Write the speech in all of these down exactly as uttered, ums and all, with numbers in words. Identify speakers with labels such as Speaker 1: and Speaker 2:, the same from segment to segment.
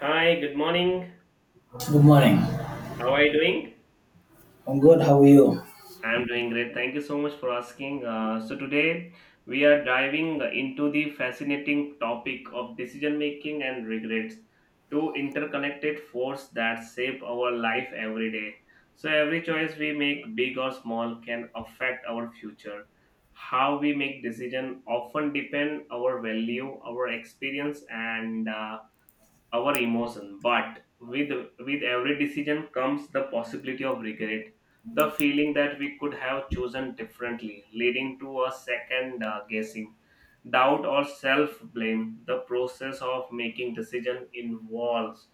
Speaker 1: Hi, good morning.
Speaker 2: Good morning.
Speaker 1: How are you doing?
Speaker 2: I'm good. How are you?
Speaker 1: I'm doing great. Thank you so much for asking. Uh, so, today we are diving into the fascinating topic of decision making and regrets, two interconnected forces that shape our life every day. So, every choice we make, big or small, can affect our future. How we make decision often depend our value, our experience, and uh, our emotion but with with every decision comes the possibility of regret, the feeling that we could have chosen differently, leading to a second uh, guessing, doubt or self blame. The process of making decision involves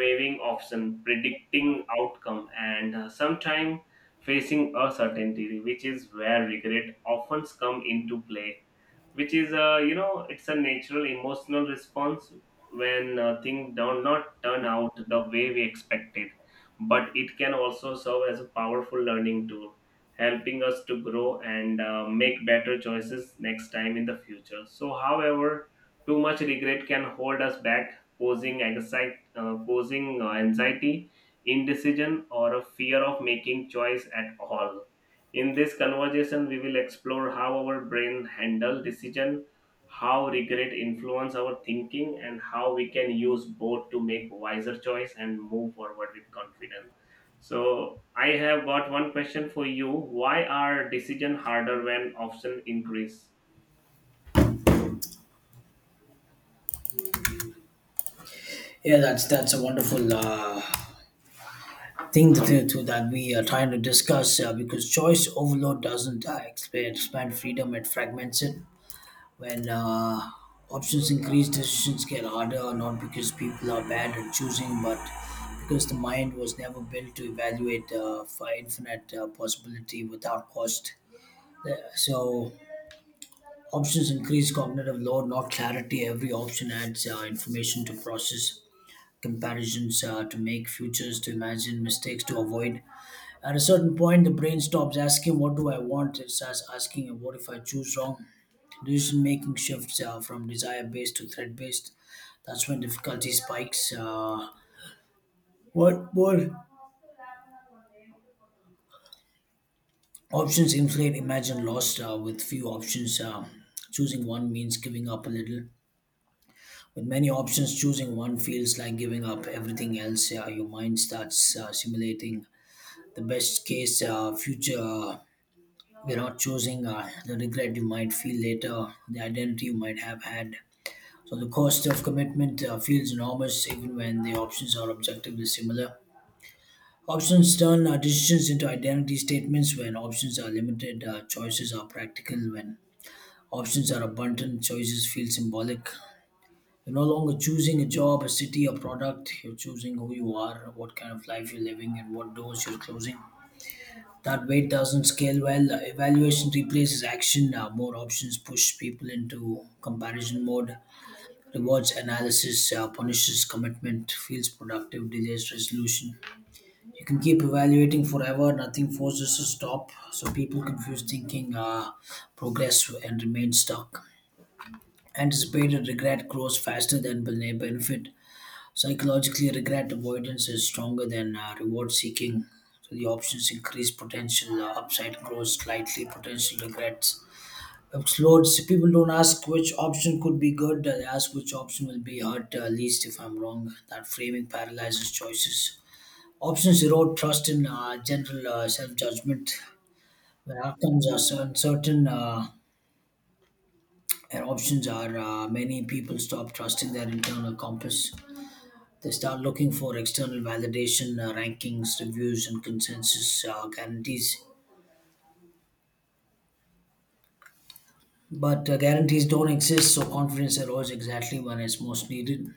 Speaker 1: weighing option, predicting outcome, and uh, sometimes facing uncertainty, which is where regret often come into play, which is uh, you know it's a natural emotional response when uh, things do not turn out the way we expected, but it can also serve as a powerful learning tool, helping us to grow and uh, make better choices next time in the future. So, however, too much regret can hold us back, causing anxiety, uh, causing uh, anxiety, indecision or a fear of making choice at all. In this conversation, we will explore how our brain handle decision, how regret influence our thinking, and how we can use both to make wiser choice and move forward with confidence. So, I have got one question for you. Why are decision harder when option increase?
Speaker 2: Yeah, that's that's a wonderful uh, thing to, to to that we are trying to discuss uh, because choice overload doesn't uh, expand expand freedom; it fragments it. When uh, options increase, decisions get harder. Not because people are bad at choosing, but because the mind was never built to evaluate uh, for infinite uh, possibility without cost. Yeah, so options increase cognitive load, not clarity. Every option adds uh, information to process, comparisons uh, to make, futures to imagine, mistakes to avoid. At a certain point, the brain stops asking, "What do I want?" It starts asking, "What if I choose wrong?" Decision making shifts uh, from desire based to threat based. That's when difficulty spikes. Uh, what more options inflate? Imagine lost uh, with few options. Uh, choosing one means giving up a little. With many options, choosing one feels like giving up everything else. Uh, your mind starts uh, simulating the best case uh, future, uh, we're not choosing uh, the regret you might feel later, the identity you might have had. So the cost of commitment uh, feels enormous even when the options are objectively similar. Options turn uh, decisions into identity statements. When options are limited, uh, choices are practical; when options are abundant, choices feel symbolic. You're no longer choosing a job, a city, a product. You're choosing who you are, what kind of life you're living, and what doors you're closing. That weight doesn't scale well. Evaluation replaces action. Uh, more options push people into comparison mode. Rewards analysis uh, punishes commitment, feels productive, delays resolution. You can keep evaluating forever, nothing forces a stop. So people confuse thinking, uh, progress, and remain stuck. Anticipated regret grows faster than bene- benefit. Psychologically, regret avoidance is stronger than uh, reward seeking. So the options increase potential, uh, upside grows slightly. Potential regrets explodes. People don't ask which option could be good. uh, They ask which option will be hurt uh, least if I'm wrong. That framing paralyzes choices. Options erode trust in uh, general uh, self judgment. When outcomes are so uncertain uh, and options are uh, many, people stop trusting their internal compass. They start looking for external validation, uh, rankings, reviews, and consensus uh, guarantees. But uh, guarantees don't exist, so confidence erodes exactly when it's most needed.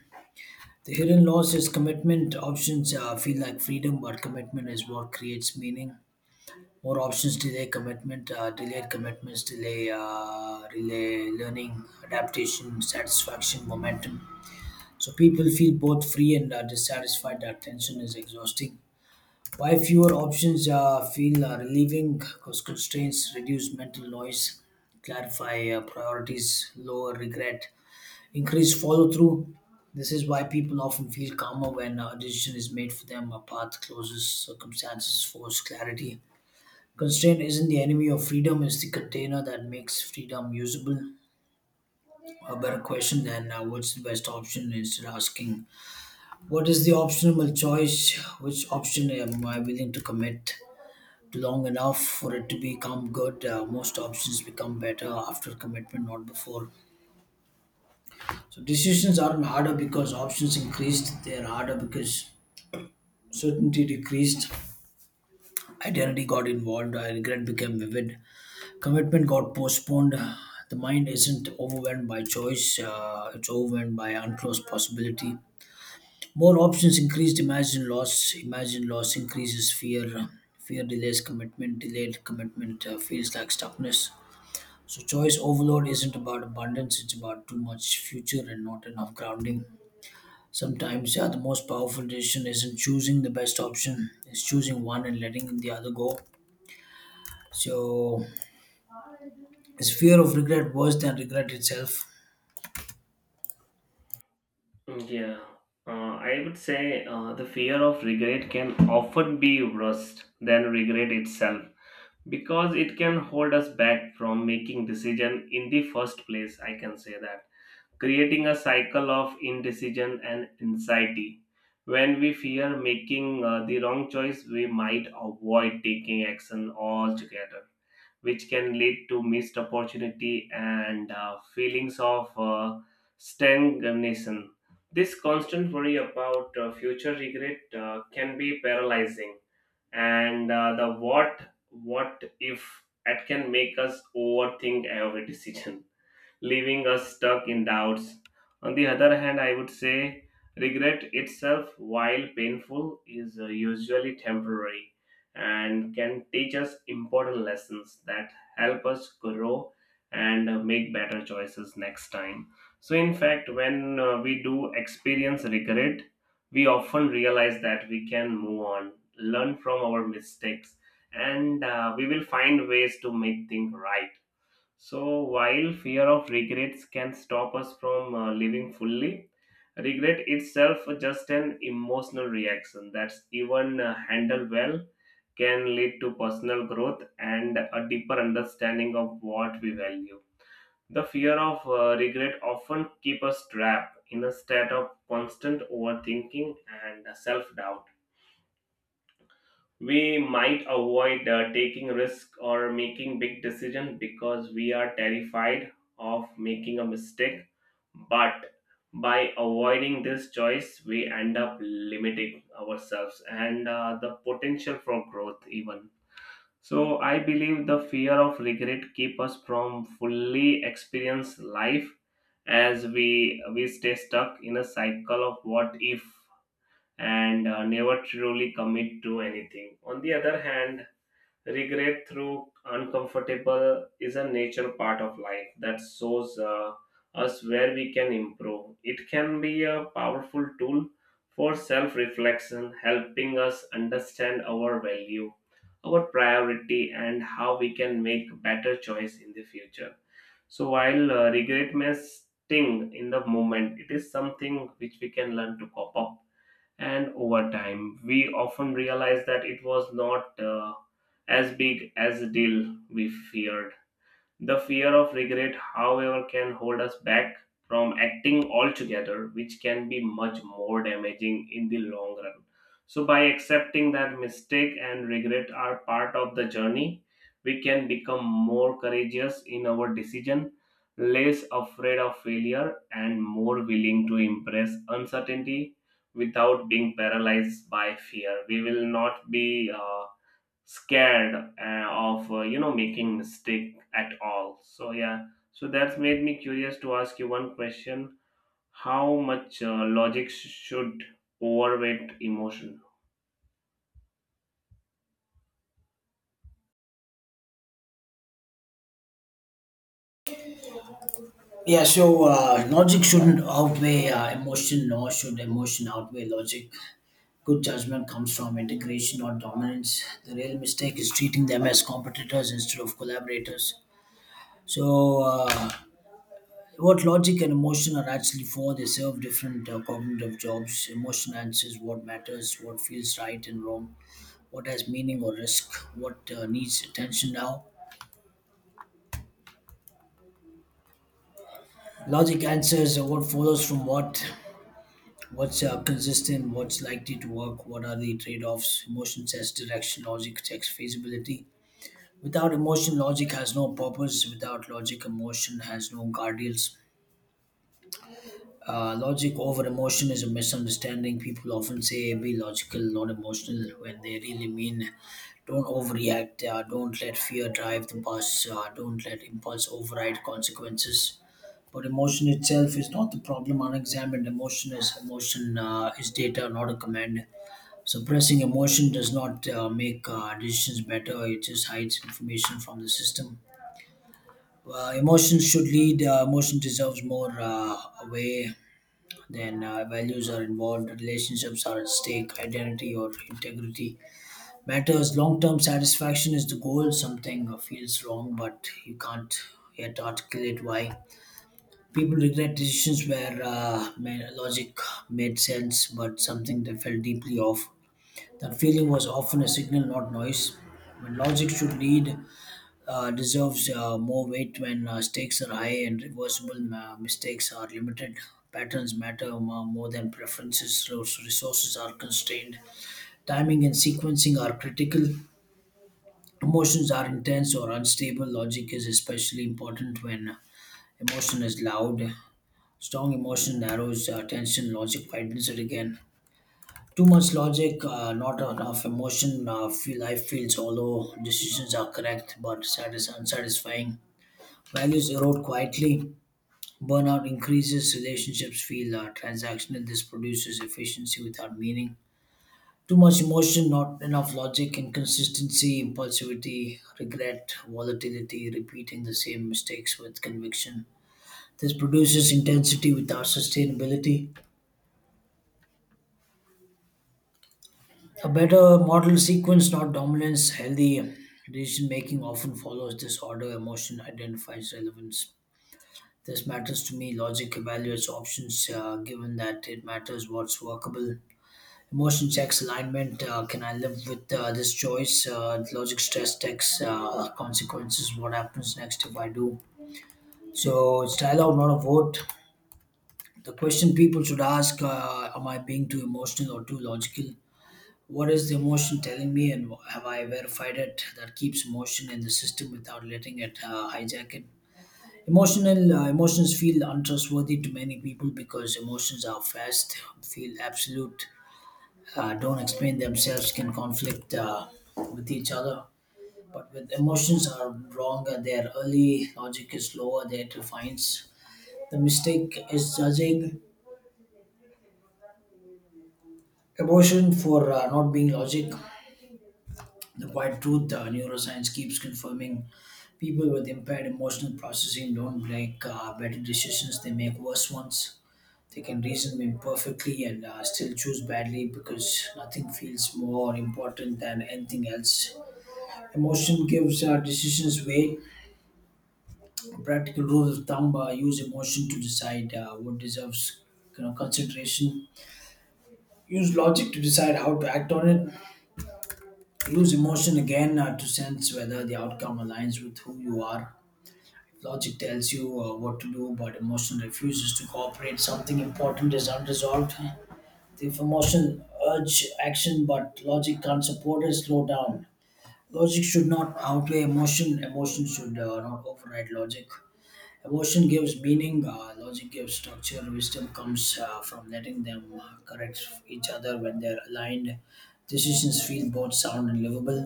Speaker 2: The hidden loss is commitment. Options uh, feel like freedom, but commitment is what creates meaning. More options delay commitment, uh, delayed commitments delay uh, relay learning, adaptation, satisfaction, momentum. So people feel both free and uh, dissatisfied. That tension is exhausting. Why fewer options uh, feel uh, relieving, because constraints reduce mental noise, clarify uh, priorities, lower regret, increase follow through. This is why people often feel calmer when a decision is made for them, a path closes, circumstances force clarity. Constraint isn't the enemy of freedom, it's the container that makes freedom usable. A better question than uh, what's the best option, instead asking what is the optimal choice, which option am I willing to commit long enough for it to become good. Uh, most options become better after commitment, not before. So decisions aren't harder because options increased. They're harder because certainty decreased. Identity got involved. Uh, regret became vivid. Commitment got postponed. The mind isn't overwhelmed by choice. Uh, it's overwhelmed by unclosed possibility. More options increased. Imagine loss. Imagine loss increases fear. Fear delays commitment. Delayed commitment uh, feels like stuckness. So choice overload isn't about abundance, it's about too much future and not enough grounding. Sometimes, yeah, the most powerful decision isn't choosing the best option, it's choosing one and letting the other go. So, is fear of regret worse than regret itself?
Speaker 1: Yeah, uh, I would say uh, the fear of regret can often be worse than regret itself, because it can hold us back from making decision in the first place. I can say that, creating a cycle of indecision and anxiety. When we fear making uh, the wrong choice, we might avoid taking action altogether, which can lead to missed opportunity and uh, feelings of uh, stagnation. This constant worry about uh, future regret uh, can be paralyzing, and uh, the what what if, that can make us overthink every decision, leaving us stuck in doubts. On the other hand, I would say regret itself, while painful, is uh, usually temporary and can teach us important lessons that help us grow and uh, make better choices next time. So, in fact, when uh, we do experience regret, we often realize that we can move on, learn from our mistakes, and uh, we will find ways to make things right. So, while fear of regrets can stop us from uh, living fully, regret itself just an emotional reaction that's even uh, handled well can lead to personal growth and a deeper understanding of what we value. The fear of uh, regret often keep us trapped in a state of constant overthinking and self-doubt. We might avoid uh, taking risk or making big decisions because we are terrified of making a mistake. But, by avoiding this choice, we end up limiting ourselves and uh, the potential for growth even. So I believe the fear of regret keep us from fully experience life, as we we stay stuck in a cycle of what if and uh, never truly commit to anything. On the other hand, regret through uncomfortable is a nature part of life that shows uh, us where we can improve. It can be a powerful tool for self reflection, helping us understand our value, our priority, and how we can make better choice in the future. So while uh, regret may sting in the moment, it is something which we can learn to cope up, and over time we often realize that it was not uh, as big as a deal we feared. The fear of regret, however, can hold us back from acting altogether, which can be much more damaging in the long run. So, by accepting that mistake and regret are part of the journey, we can become more courageous in our decision, less afraid of failure, and more willing to embrace uncertainty without being paralyzed by fear. We will not be uh, scared uh, of uh, you know making mistake at all. So yeah, so that's made me curious to ask you one question. How much uh, logic sh- should overweight emotion?
Speaker 2: Yeah, so uh, logic shouldn't outweigh uh, emotion, nor should emotion outweigh logic. Good judgment comes from integration, not dominance. The real mistake is treating them as competitors instead of collaborators. So, uh, what logic and emotion are actually for, they serve different uh, cognitive jobs. Emotion answers what matters, what feels right and wrong, what has meaning or risk, what uh, needs attention now. Logic answers uh, what follows from what, what's uh, consistent, what's likely to work, what are the trade offs. Emotion sets direction, logic checks feasibility. Without emotion, logic has no purpose. Without logic, emotion has no guardrails. Uh, logic over emotion is a misunderstanding. People often say be logical, not emotional, when they really mean don't overreact, uh, don't let fear drive the bus, uh, don't let impulse override consequences. But emotion itself is not the problem. Unexamined emotion is emotion uh, is data, not a command. Suppressing emotion does not uh, make uh, decisions better. It just hides information from the system. Uh, emotions should lead. Uh, emotion deserves more uh, way then uh, values are involved, relationships are at stake, identity or integrity matters. Long term satisfaction is the goal. Something uh, feels wrong, but you can't yet articulate why. People regret decisions where uh, ma- logic made sense, but something they felt deeply off. That feeling was often a signal, not noise. When logic should lead, uh, deserves uh, more weight when uh, stakes are high and reversible uh, mistakes are limited. Patterns matter m- more than preferences. Res- Resources are constrained. Timing and sequencing are critical. Emotions are intense or unstable. Logic is especially important when emotion is loud. Strong emotion narrows uh, tension. Logic widens it again. Too much logic, uh, not enough emotion. Uh, feel life feels hollow. Decisions are correct but satis- unsatisfying. Values erode quietly. Burnout increases. Relationships feel uh, transactional. This produces efficiency without meaning. Too much emotion, not enough logic, inconsistency, impulsivity, regret, volatility, repeating the same mistakes with conviction. This produces intensity without sustainability. A better model sequence, not dominance, healthy decision making often follows this order. Emotion identifies relevance, this matters to me. Logic evaluates options uh, given that it matters what's workable. Emotion checks alignment. Uh, can I live with uh, this choice? Uh, logic stress checks uh, consequences. What happens next if I do? So it's dialogue, not a vote. The question people should ask, uh, am I being too emotional or too logical? What is the emotion telling me, and have I verified it? That keeps emotion in the system without letting it uh, hijack it. Emotional uh, emotions feel untrustworthy to many people because emotions are fast, feel absolute, uh, don't explain themselves, can conflict uh, with each other. But with emotions are wrong, their early logic is slower, their defines. The mistake is judging emotion for uh, not being logic. The quiet truth, uh, neuroscience keeps confirming, people with impaired emotional processing don't make uh, better decisions, they make worse ones. They can reason me perfectly and uh, still choose badly because nothing feels more important than anything else. Emotion gives uh, decisions way. A practical rule of thumb: uh, use emotion to decide uh, what deserves, you know, consideration. Use logic to decide how to act on it. Use emotion again uh, to sense whether the outcome aligns with who you are. Logic tells you uh, what to do, but emotion refuses to cooperate. Something important is unresolved. The emotion urge action, but logic can't support it. Slow down. Logic should not outweigh emotion. Emotion should uh, not override logic. Emotion gives meaning. Uh, logic gives structure. Wisdom comes uh, from letting them uh, correct each other when they're aligned. Decisions feel both sound and livable.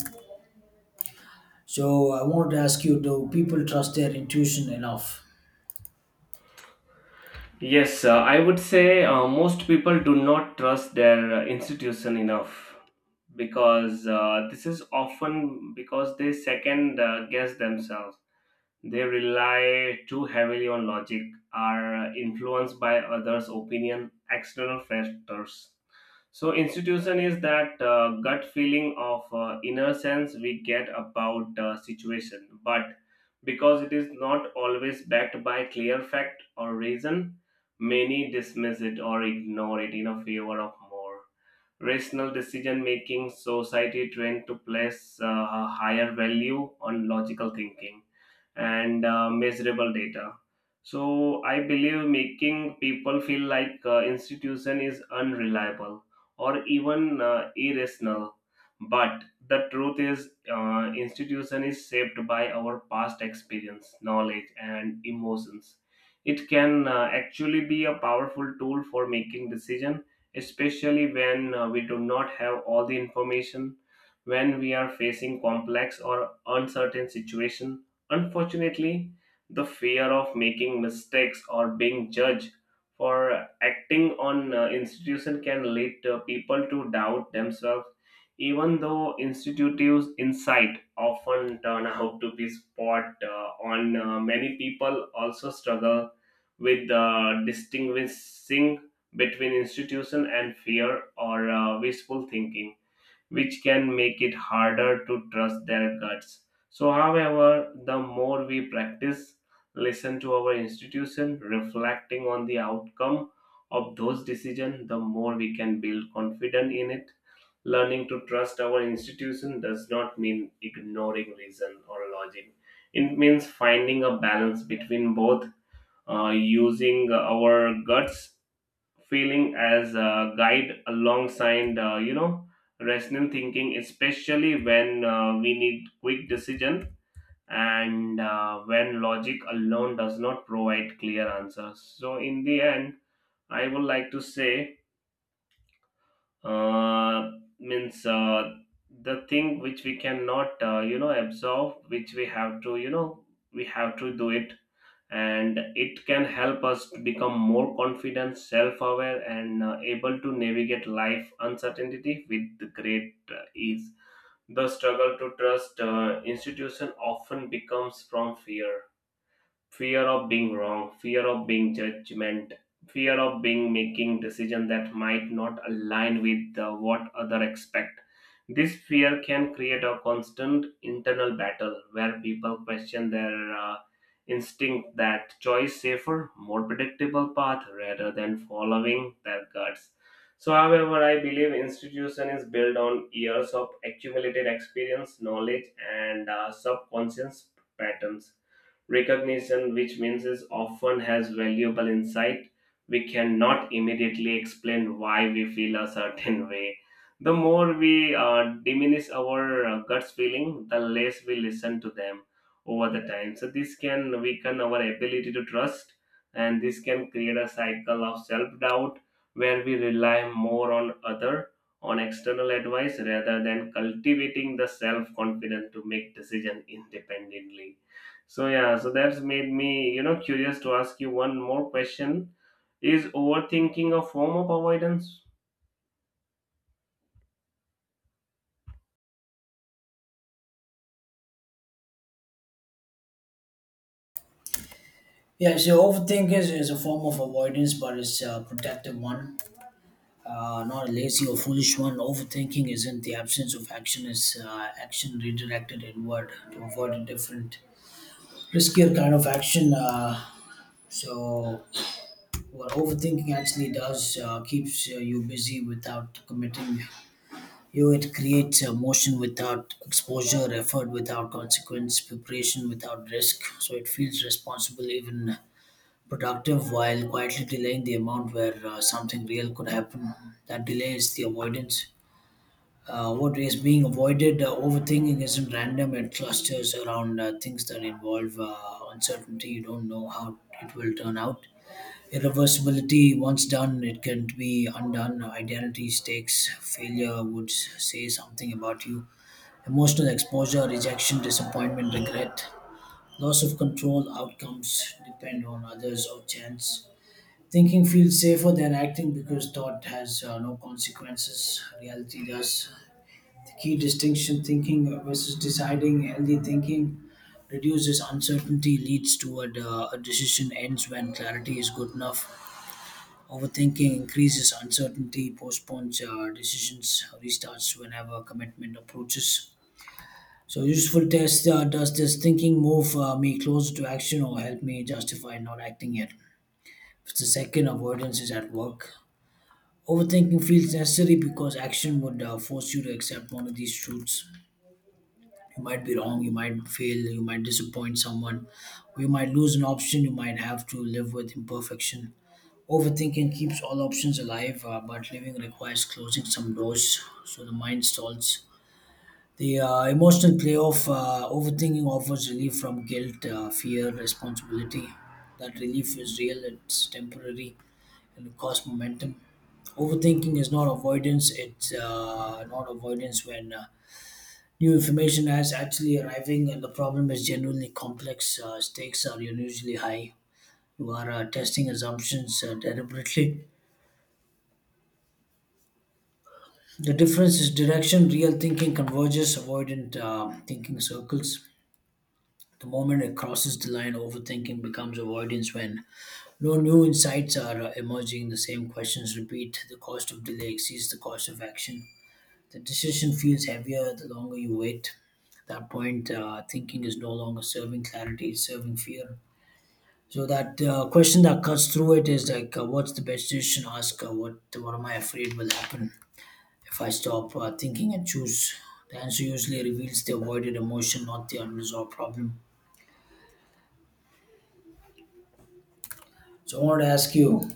Speaker 2: So I wanted to ask you: do people trust their intuition enough?
Speaker 1: Yes, uh, I would say uh, most people do not trust their uh, institution enough, because uh, this is often because they second uh, guess themselves. They rely too heavily on logic, are influenced by others opinion, external factors. So institution is that uh, gut feeling of uh, inner sense we get about uh, situation, but because it is not always backed by clear fact or reason, many dismiss it or ignore it in a favor of more rational decision making. Society trained to place uh, a higher value on logical thinking and uh, measurable data. So I believe making people feel like uh, institution is unreliable or even uh, irrational. But the truth is, uh, institution is shaped by our past experience, knowledge, and emotions. It can uh, actually be a powerful tool for making decision, especially when uh, we do not have all the information, when we are facing complex or uncertain situation. Unfortunately, the fear of making mistakes or being judged for acting on uh, institution can lead to people to doubt themselves, even though institutes' insight often turn out to be spot uh, on. Uh, many people also struggle with uh, distinguishing between institution and fear or uh, wishful thinking, which can make it harder to trust their guts. So, however, the more we practice, listen to our institution, reflecting on the outcome of those decisions, the more we can build confidence in it. Learning to trust our institution does not mean ignoring reason or logic. It means finding a balance between both, uh, using our guts feeling as a guide alongside uh, you know rational thinking, especially when uh, we need quick decision and uh, when logic alone does not provide clear answers. So in the end, I would like to say, uh, means uh, the thing which we cannot uh, you know absorb, which we have to you know we have to do it, and it can help us to become more confident, self-aware, and uh, able to navigate life uncertainty with great uh, ease. The struggle to trust uh, institution often becomes from fear, fear of being wrong, fear of being judgment, fear of being making decision that might not align with uh, what other expect. This fear can create a constant internal battle where people question their uh, instinct, that choice safer, more predictable path rather than following their guts. So, however, I believe institution is built on years of accumulated experience, knowledge, and uh, subconscious patterns recognition, which means is often has valuable insight. We cannot immediately explain why we feel a certain way. The more we uh, diminish our uh, gut's feeling, the less we listen to them over the time. So this can weaken our ability to trust, and this can create a cycle of self-doubt where we rely more on other, on external advice rather than cultivating the self-confidence to make decision independently. So yeah, so that's made me, you know, curious to ask you one more question. Is overthinking a form of avoidance?
Speaker 2: Yeah, so overthinking is, is a form of avoidance, but it's a protective one uh, not a lazy or foolish one. Overthinking isn't the absence of action, it's uh, action redirected inward to avoid a different, riskier kind of action. Uh, so, what overthinking actually does uh, keeps uh, you busy without committing you. It creates uh, motion without exposure, effort without consequence, preparation without risk. So, it feels responsible, even productive, while quietly delaying the amount where uh, something real could happen. That delay is the avoidance. Uh, what is being avoided? Uh, overthinking isn't random, it clusters around uh, things that involve uh, uncertainty. You don't know how it will turn out. Irreversibility, once done, it can be undone. Identity stakes, failure would s- say something about you. Emotional exposure, rejection, disappointment, regret, loss of control, outcomes depend on others or chance. Thinking feels safer than acting because thought has uh, no consequences, reality does. The key distinction thinking versus deciding healthy thinking reduces uncertainty, leads toward uh, a decision ends when clarity is good enough. Overthinking increases uncertainty, postpones uh, decisions, restarts whenever commitment approaches. So, useful test, uh, does this thinking move uh, me closer to action or help me justify not acting yet? If it's the second, avoidance is at work. Overthinking feels necessary because action would uh, force you to accept one of these truths. You might be wrong, you might fail, you might disappoint someone, or you might lose an option, you might have to live with imperfection. Overthinking keeps all options alive, uh, but living requires closing some doors, so the mind stalls. The uh, emotional playoff, uh, overthinking offers relief from guilt, uh, fear, responsibility. That relief is real, it's temporary, and it costs momentum. Overthinking is not avoidance, it's uh, not avoidance when uh, new information as actually arriving, and the problem is genuinely complex. Uh, stakes are unusually high. You are uh, testing assumptions uh, deliberately. The difference is direction. Real thinking converges, avoidant uh, thinking circles. The moment it crosses the line, overthinking becomes avoidance when no new insights are uh, emerging. The same questions repeat. The cost of delay exceeds the cost of action. The decision feels heavier the longer you wait. At that point, uh, thinking is no longer serving clarity, it's serving fear. So that uh, question that cuts through it is like, uh, what's the best decision? Ask, uh, what what am I afraid will happen if I stop uh, thinking and choose? The answer usually reveals the avoided emotion, not the unresolved problem. So I want to ask you,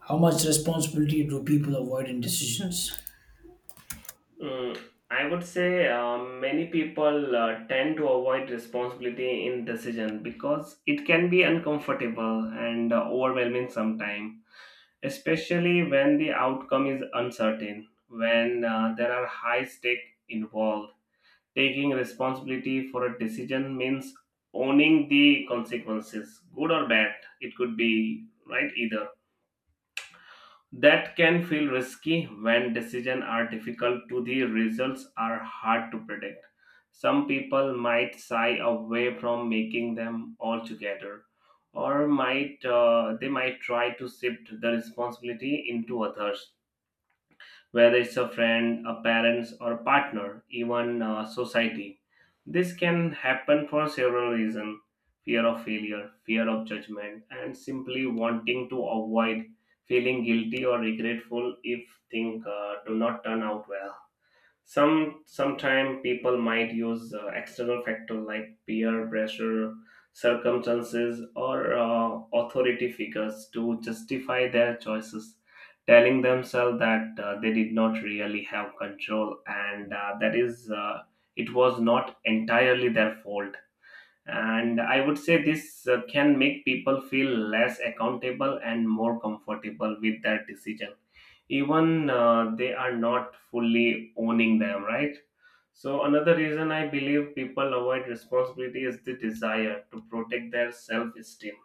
Speaker 2: how much responsibility do people avoid in decisions?
Speaker 1: Mm, I would say uh, many people uh, tend to avoid responsibility in decision because it can be uncomfortable and uh, overwhelming sometimes, especially when the outcome is uncertain, when uh, there are high stake involved. Taking responsibility for a decision means owning the consequences, good or bad. It could be right either. That can feel risky when decisions are difficult to the results are hard to predict. Some people might shy away from making them altogether, or might uh, they might try to shift the responsibility into others, whether it's a friend, a parents, or a partner, even uh, society. This can happen for several reasons: fear of failure, fear of judgment, and simply wanting to avoid feeling guilty or regretful if things uh, do not turn out well. Some sometime people might use uh, external factor like peer pressure, circumstances, or uh, authority figures to justify their choices, telling themselves that uh, they did not really have control, and uh, that is uh, it was not entirely their fault. And I would say this uh, can make people feel less accountable and more comfortable with their decision, even uh, they are not fully owning them, right? So another reason I believe people avoid responsibility is the desire to protect their self esteem.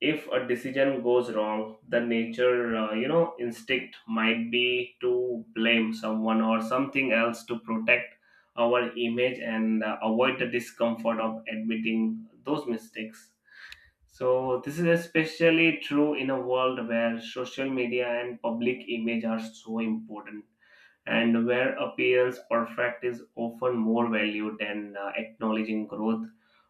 Speaker 1: If a decision goes wrong, the nature uh, you know instinct might be to blame someone or something else to protect our image and uh, avoid the discomfort of admitting those mistakes. So this is especially true in a world where social media and public image are so important, and where appearance perfect is often more valued than uh, acknowledging growth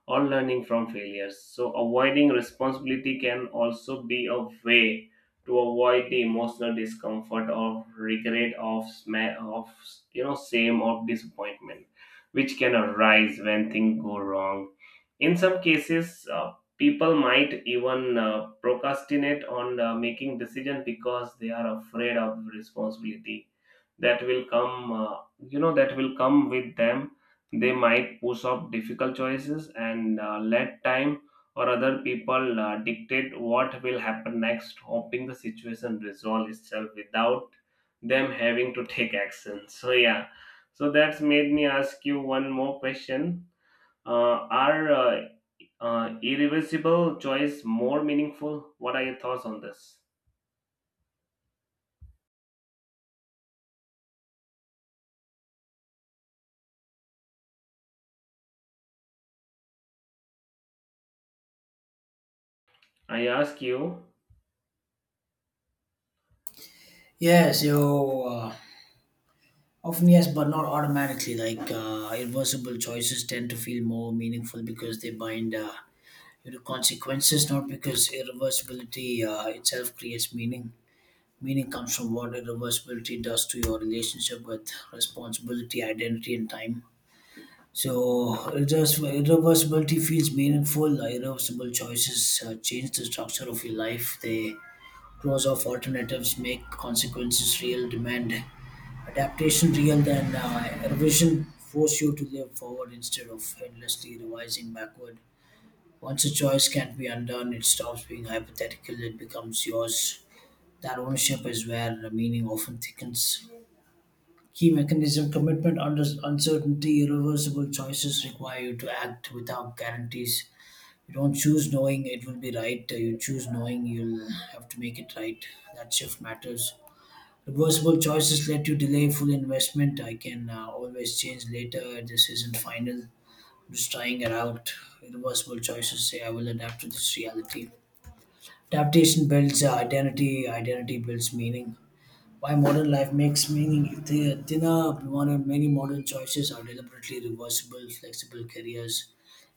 Speaker 1: or learning from failures. So, avoiding responsibility can also be a way to avoid the emotional discomfort or regret of sma- of you know shame or disappointment, which can arise when things go wrong. In some cases, uh, people might even uh, procrastinate on uh, making decision because they are afraid of responsibility that will come. Uh, you know that will come with them. They might push off difficult choices and uh, let time or other people uh, dictate what will happen next, hoping the situation resolve itself without them having to take action. So yeah, so that's made me ask you one more question. Uh, are uh, uh, irreversible choice more meaningful? What are your thoughts on this? I ask you,
Speaker 2: Yes, you, uh, often yes, but not automatically. Like, uh, irreversible choices tend to feel more meaningful because they bind uh, you to consequences, not because irreversibility uh, itself creates meaning. Meaning comes from what irreversibility does to your relationship with responsibility, identity, and time. So, irres- irreversibility feels meaningful. Uh, Irreversible choices uh, change the structure of your life. They close off alternatives, make consequences real, demand adaptation real, then uh, revision force you to live forward instead of endlessly revising backward. Once a choice can't be undone, it stops being hypothetical, it becomes yours. That ownership is where the meaning often thickens. Key mechanism: commitment under uncertainty, irreversible choices require you to act without guarantees. You don't choose knowing it will be right, you choose knowing you'll have to make it right. That shift matters. Reversible choices let you delay full investment. I can uh, always change later. This isn't final. I'm just trying it out. Reversible choices say I will adapt to this reality. Adaptation builds uh, identity, identity builds meaning. Why modern life makes meaning if the thinner modern, many modern choices are deliberately reversible, flexible careers,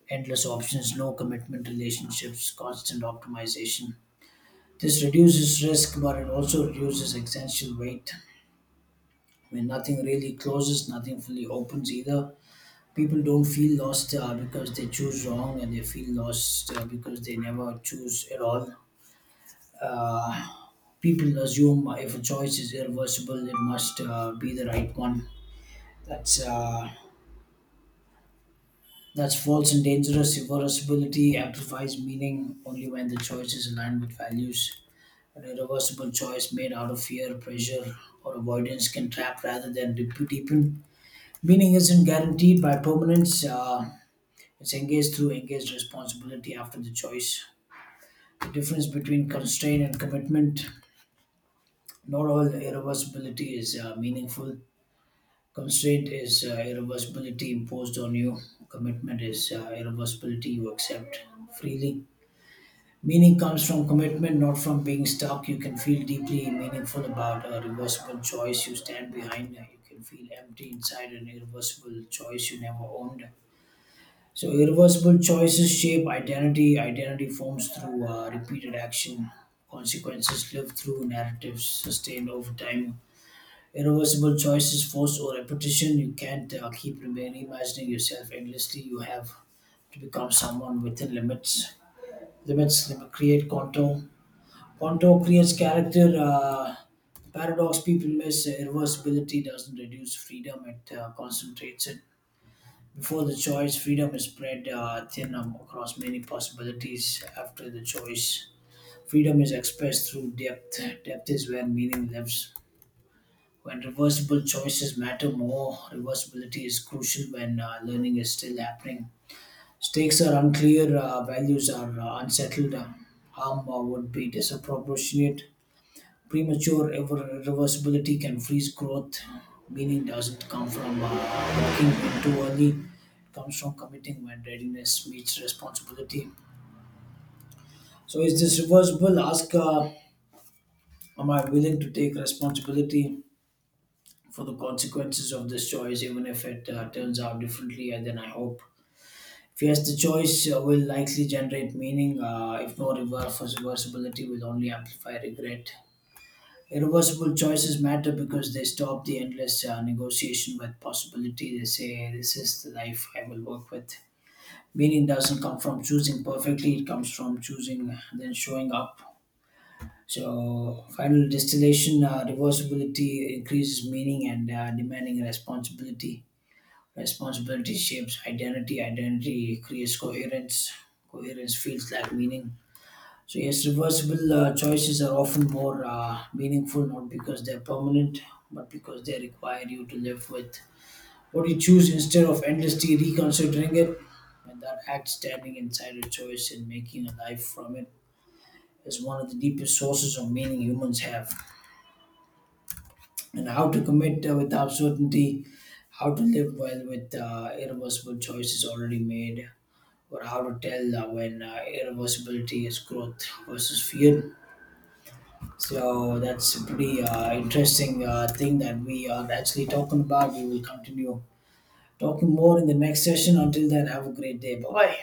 Speaker 2: endless options, no commitment relationships, constant optimization. This reduces risk, but it also reduces existential weight. When nothing really closes, nothing fully opens either. People don't feel lost uh, because they choose wrong, and they feel lost uh, because they never choose at all. Uh, People assume if a choice is irreversible, it must uh, be the right one. That's uh, that's false and dangerous. Irreversibility amplifies meaning only when the choice is aligned with values. An irreversible choice made out of fear, pressure, or avoidance can trap rather than deep- deepen. Meaning isn't guaranteed by permanence. Uh, it's engaged through engaged responsibility after the choice. The difference between constraint and commitment. Not all irreversibility is uh, meaningful. Constraint is uh, irreversibility imposed on you. Commitment is uh, irreversibility you accept freely. Meaning comes from commitment, not from being stuck. You can feel deeply meaningful about a reversible choice you stand behind. You can feel empty inside an irreversible choice you never owned. So, irreversible choices shape identity. Identity forms through uh, repeated action. Consequences live through narratives sustained over time. Irreversible choices force or repetition. You can't uh, keep remaining imagining yourself endlessly. You have to become someone within limits. Limits lim- create contour. Contour creates character. Uh, paradox people miss, uh, irreversibility doesn't reduce freedom, it uh, concentrates it. Before the choice, freedom is spread uh, thin um, across many possibilities. After the choice, freedom is expressed through depth. Depth is where meaning lives. When reversible choices matter more, reversibility is crucial when uh, learning is still happening. Stakes are unclear, uh, values are uh, unsettled, uh, harm uh, would be disproportionate. Premature irre- irreversibility can freeze growth. Meaning doesn't come from uh, walking in too early, it comes from committing when readiness meets responsibility. So, is this reversible? Ask, uh, am I willing to take responsibility for the consequences of this choice, even if it uh, turns out differently uh, than I hope? Yes, the choice uh, will likely generate meaning. Uh, if no, reverse- reversibility will only amplify regret. Irreversible choices matter because they stop the endless uh, negotiation with possibility. They say, this is the life I will work with. Meaning doesn't come from choosing perfectly, it comes from choosing, then showing up. So, final distillation, uh, reversibility increases meaning and uh, demanding responsibility. Responsibility shapes identity. Identity creates coherence. Coherence feels like meaning. So yes, reversible uh, choices are often more uh, meaningful, not because they're permanent, but because they require you to live with what you choose instead of endlessly reconsidering it. And that act, standing inside a choice and making a life from it, is one of the deepest sources of meaning humans have. And how to commit uh, without certainty, how to live well with uh, irreversible choices already made, or how to tell uh, when uh, irreversibility is growth versus fear. So that's a pretty uh, interesting uh, thing that we are actually talking about. We will continue talking more in the next session. Until then, have a great day. Bye bye.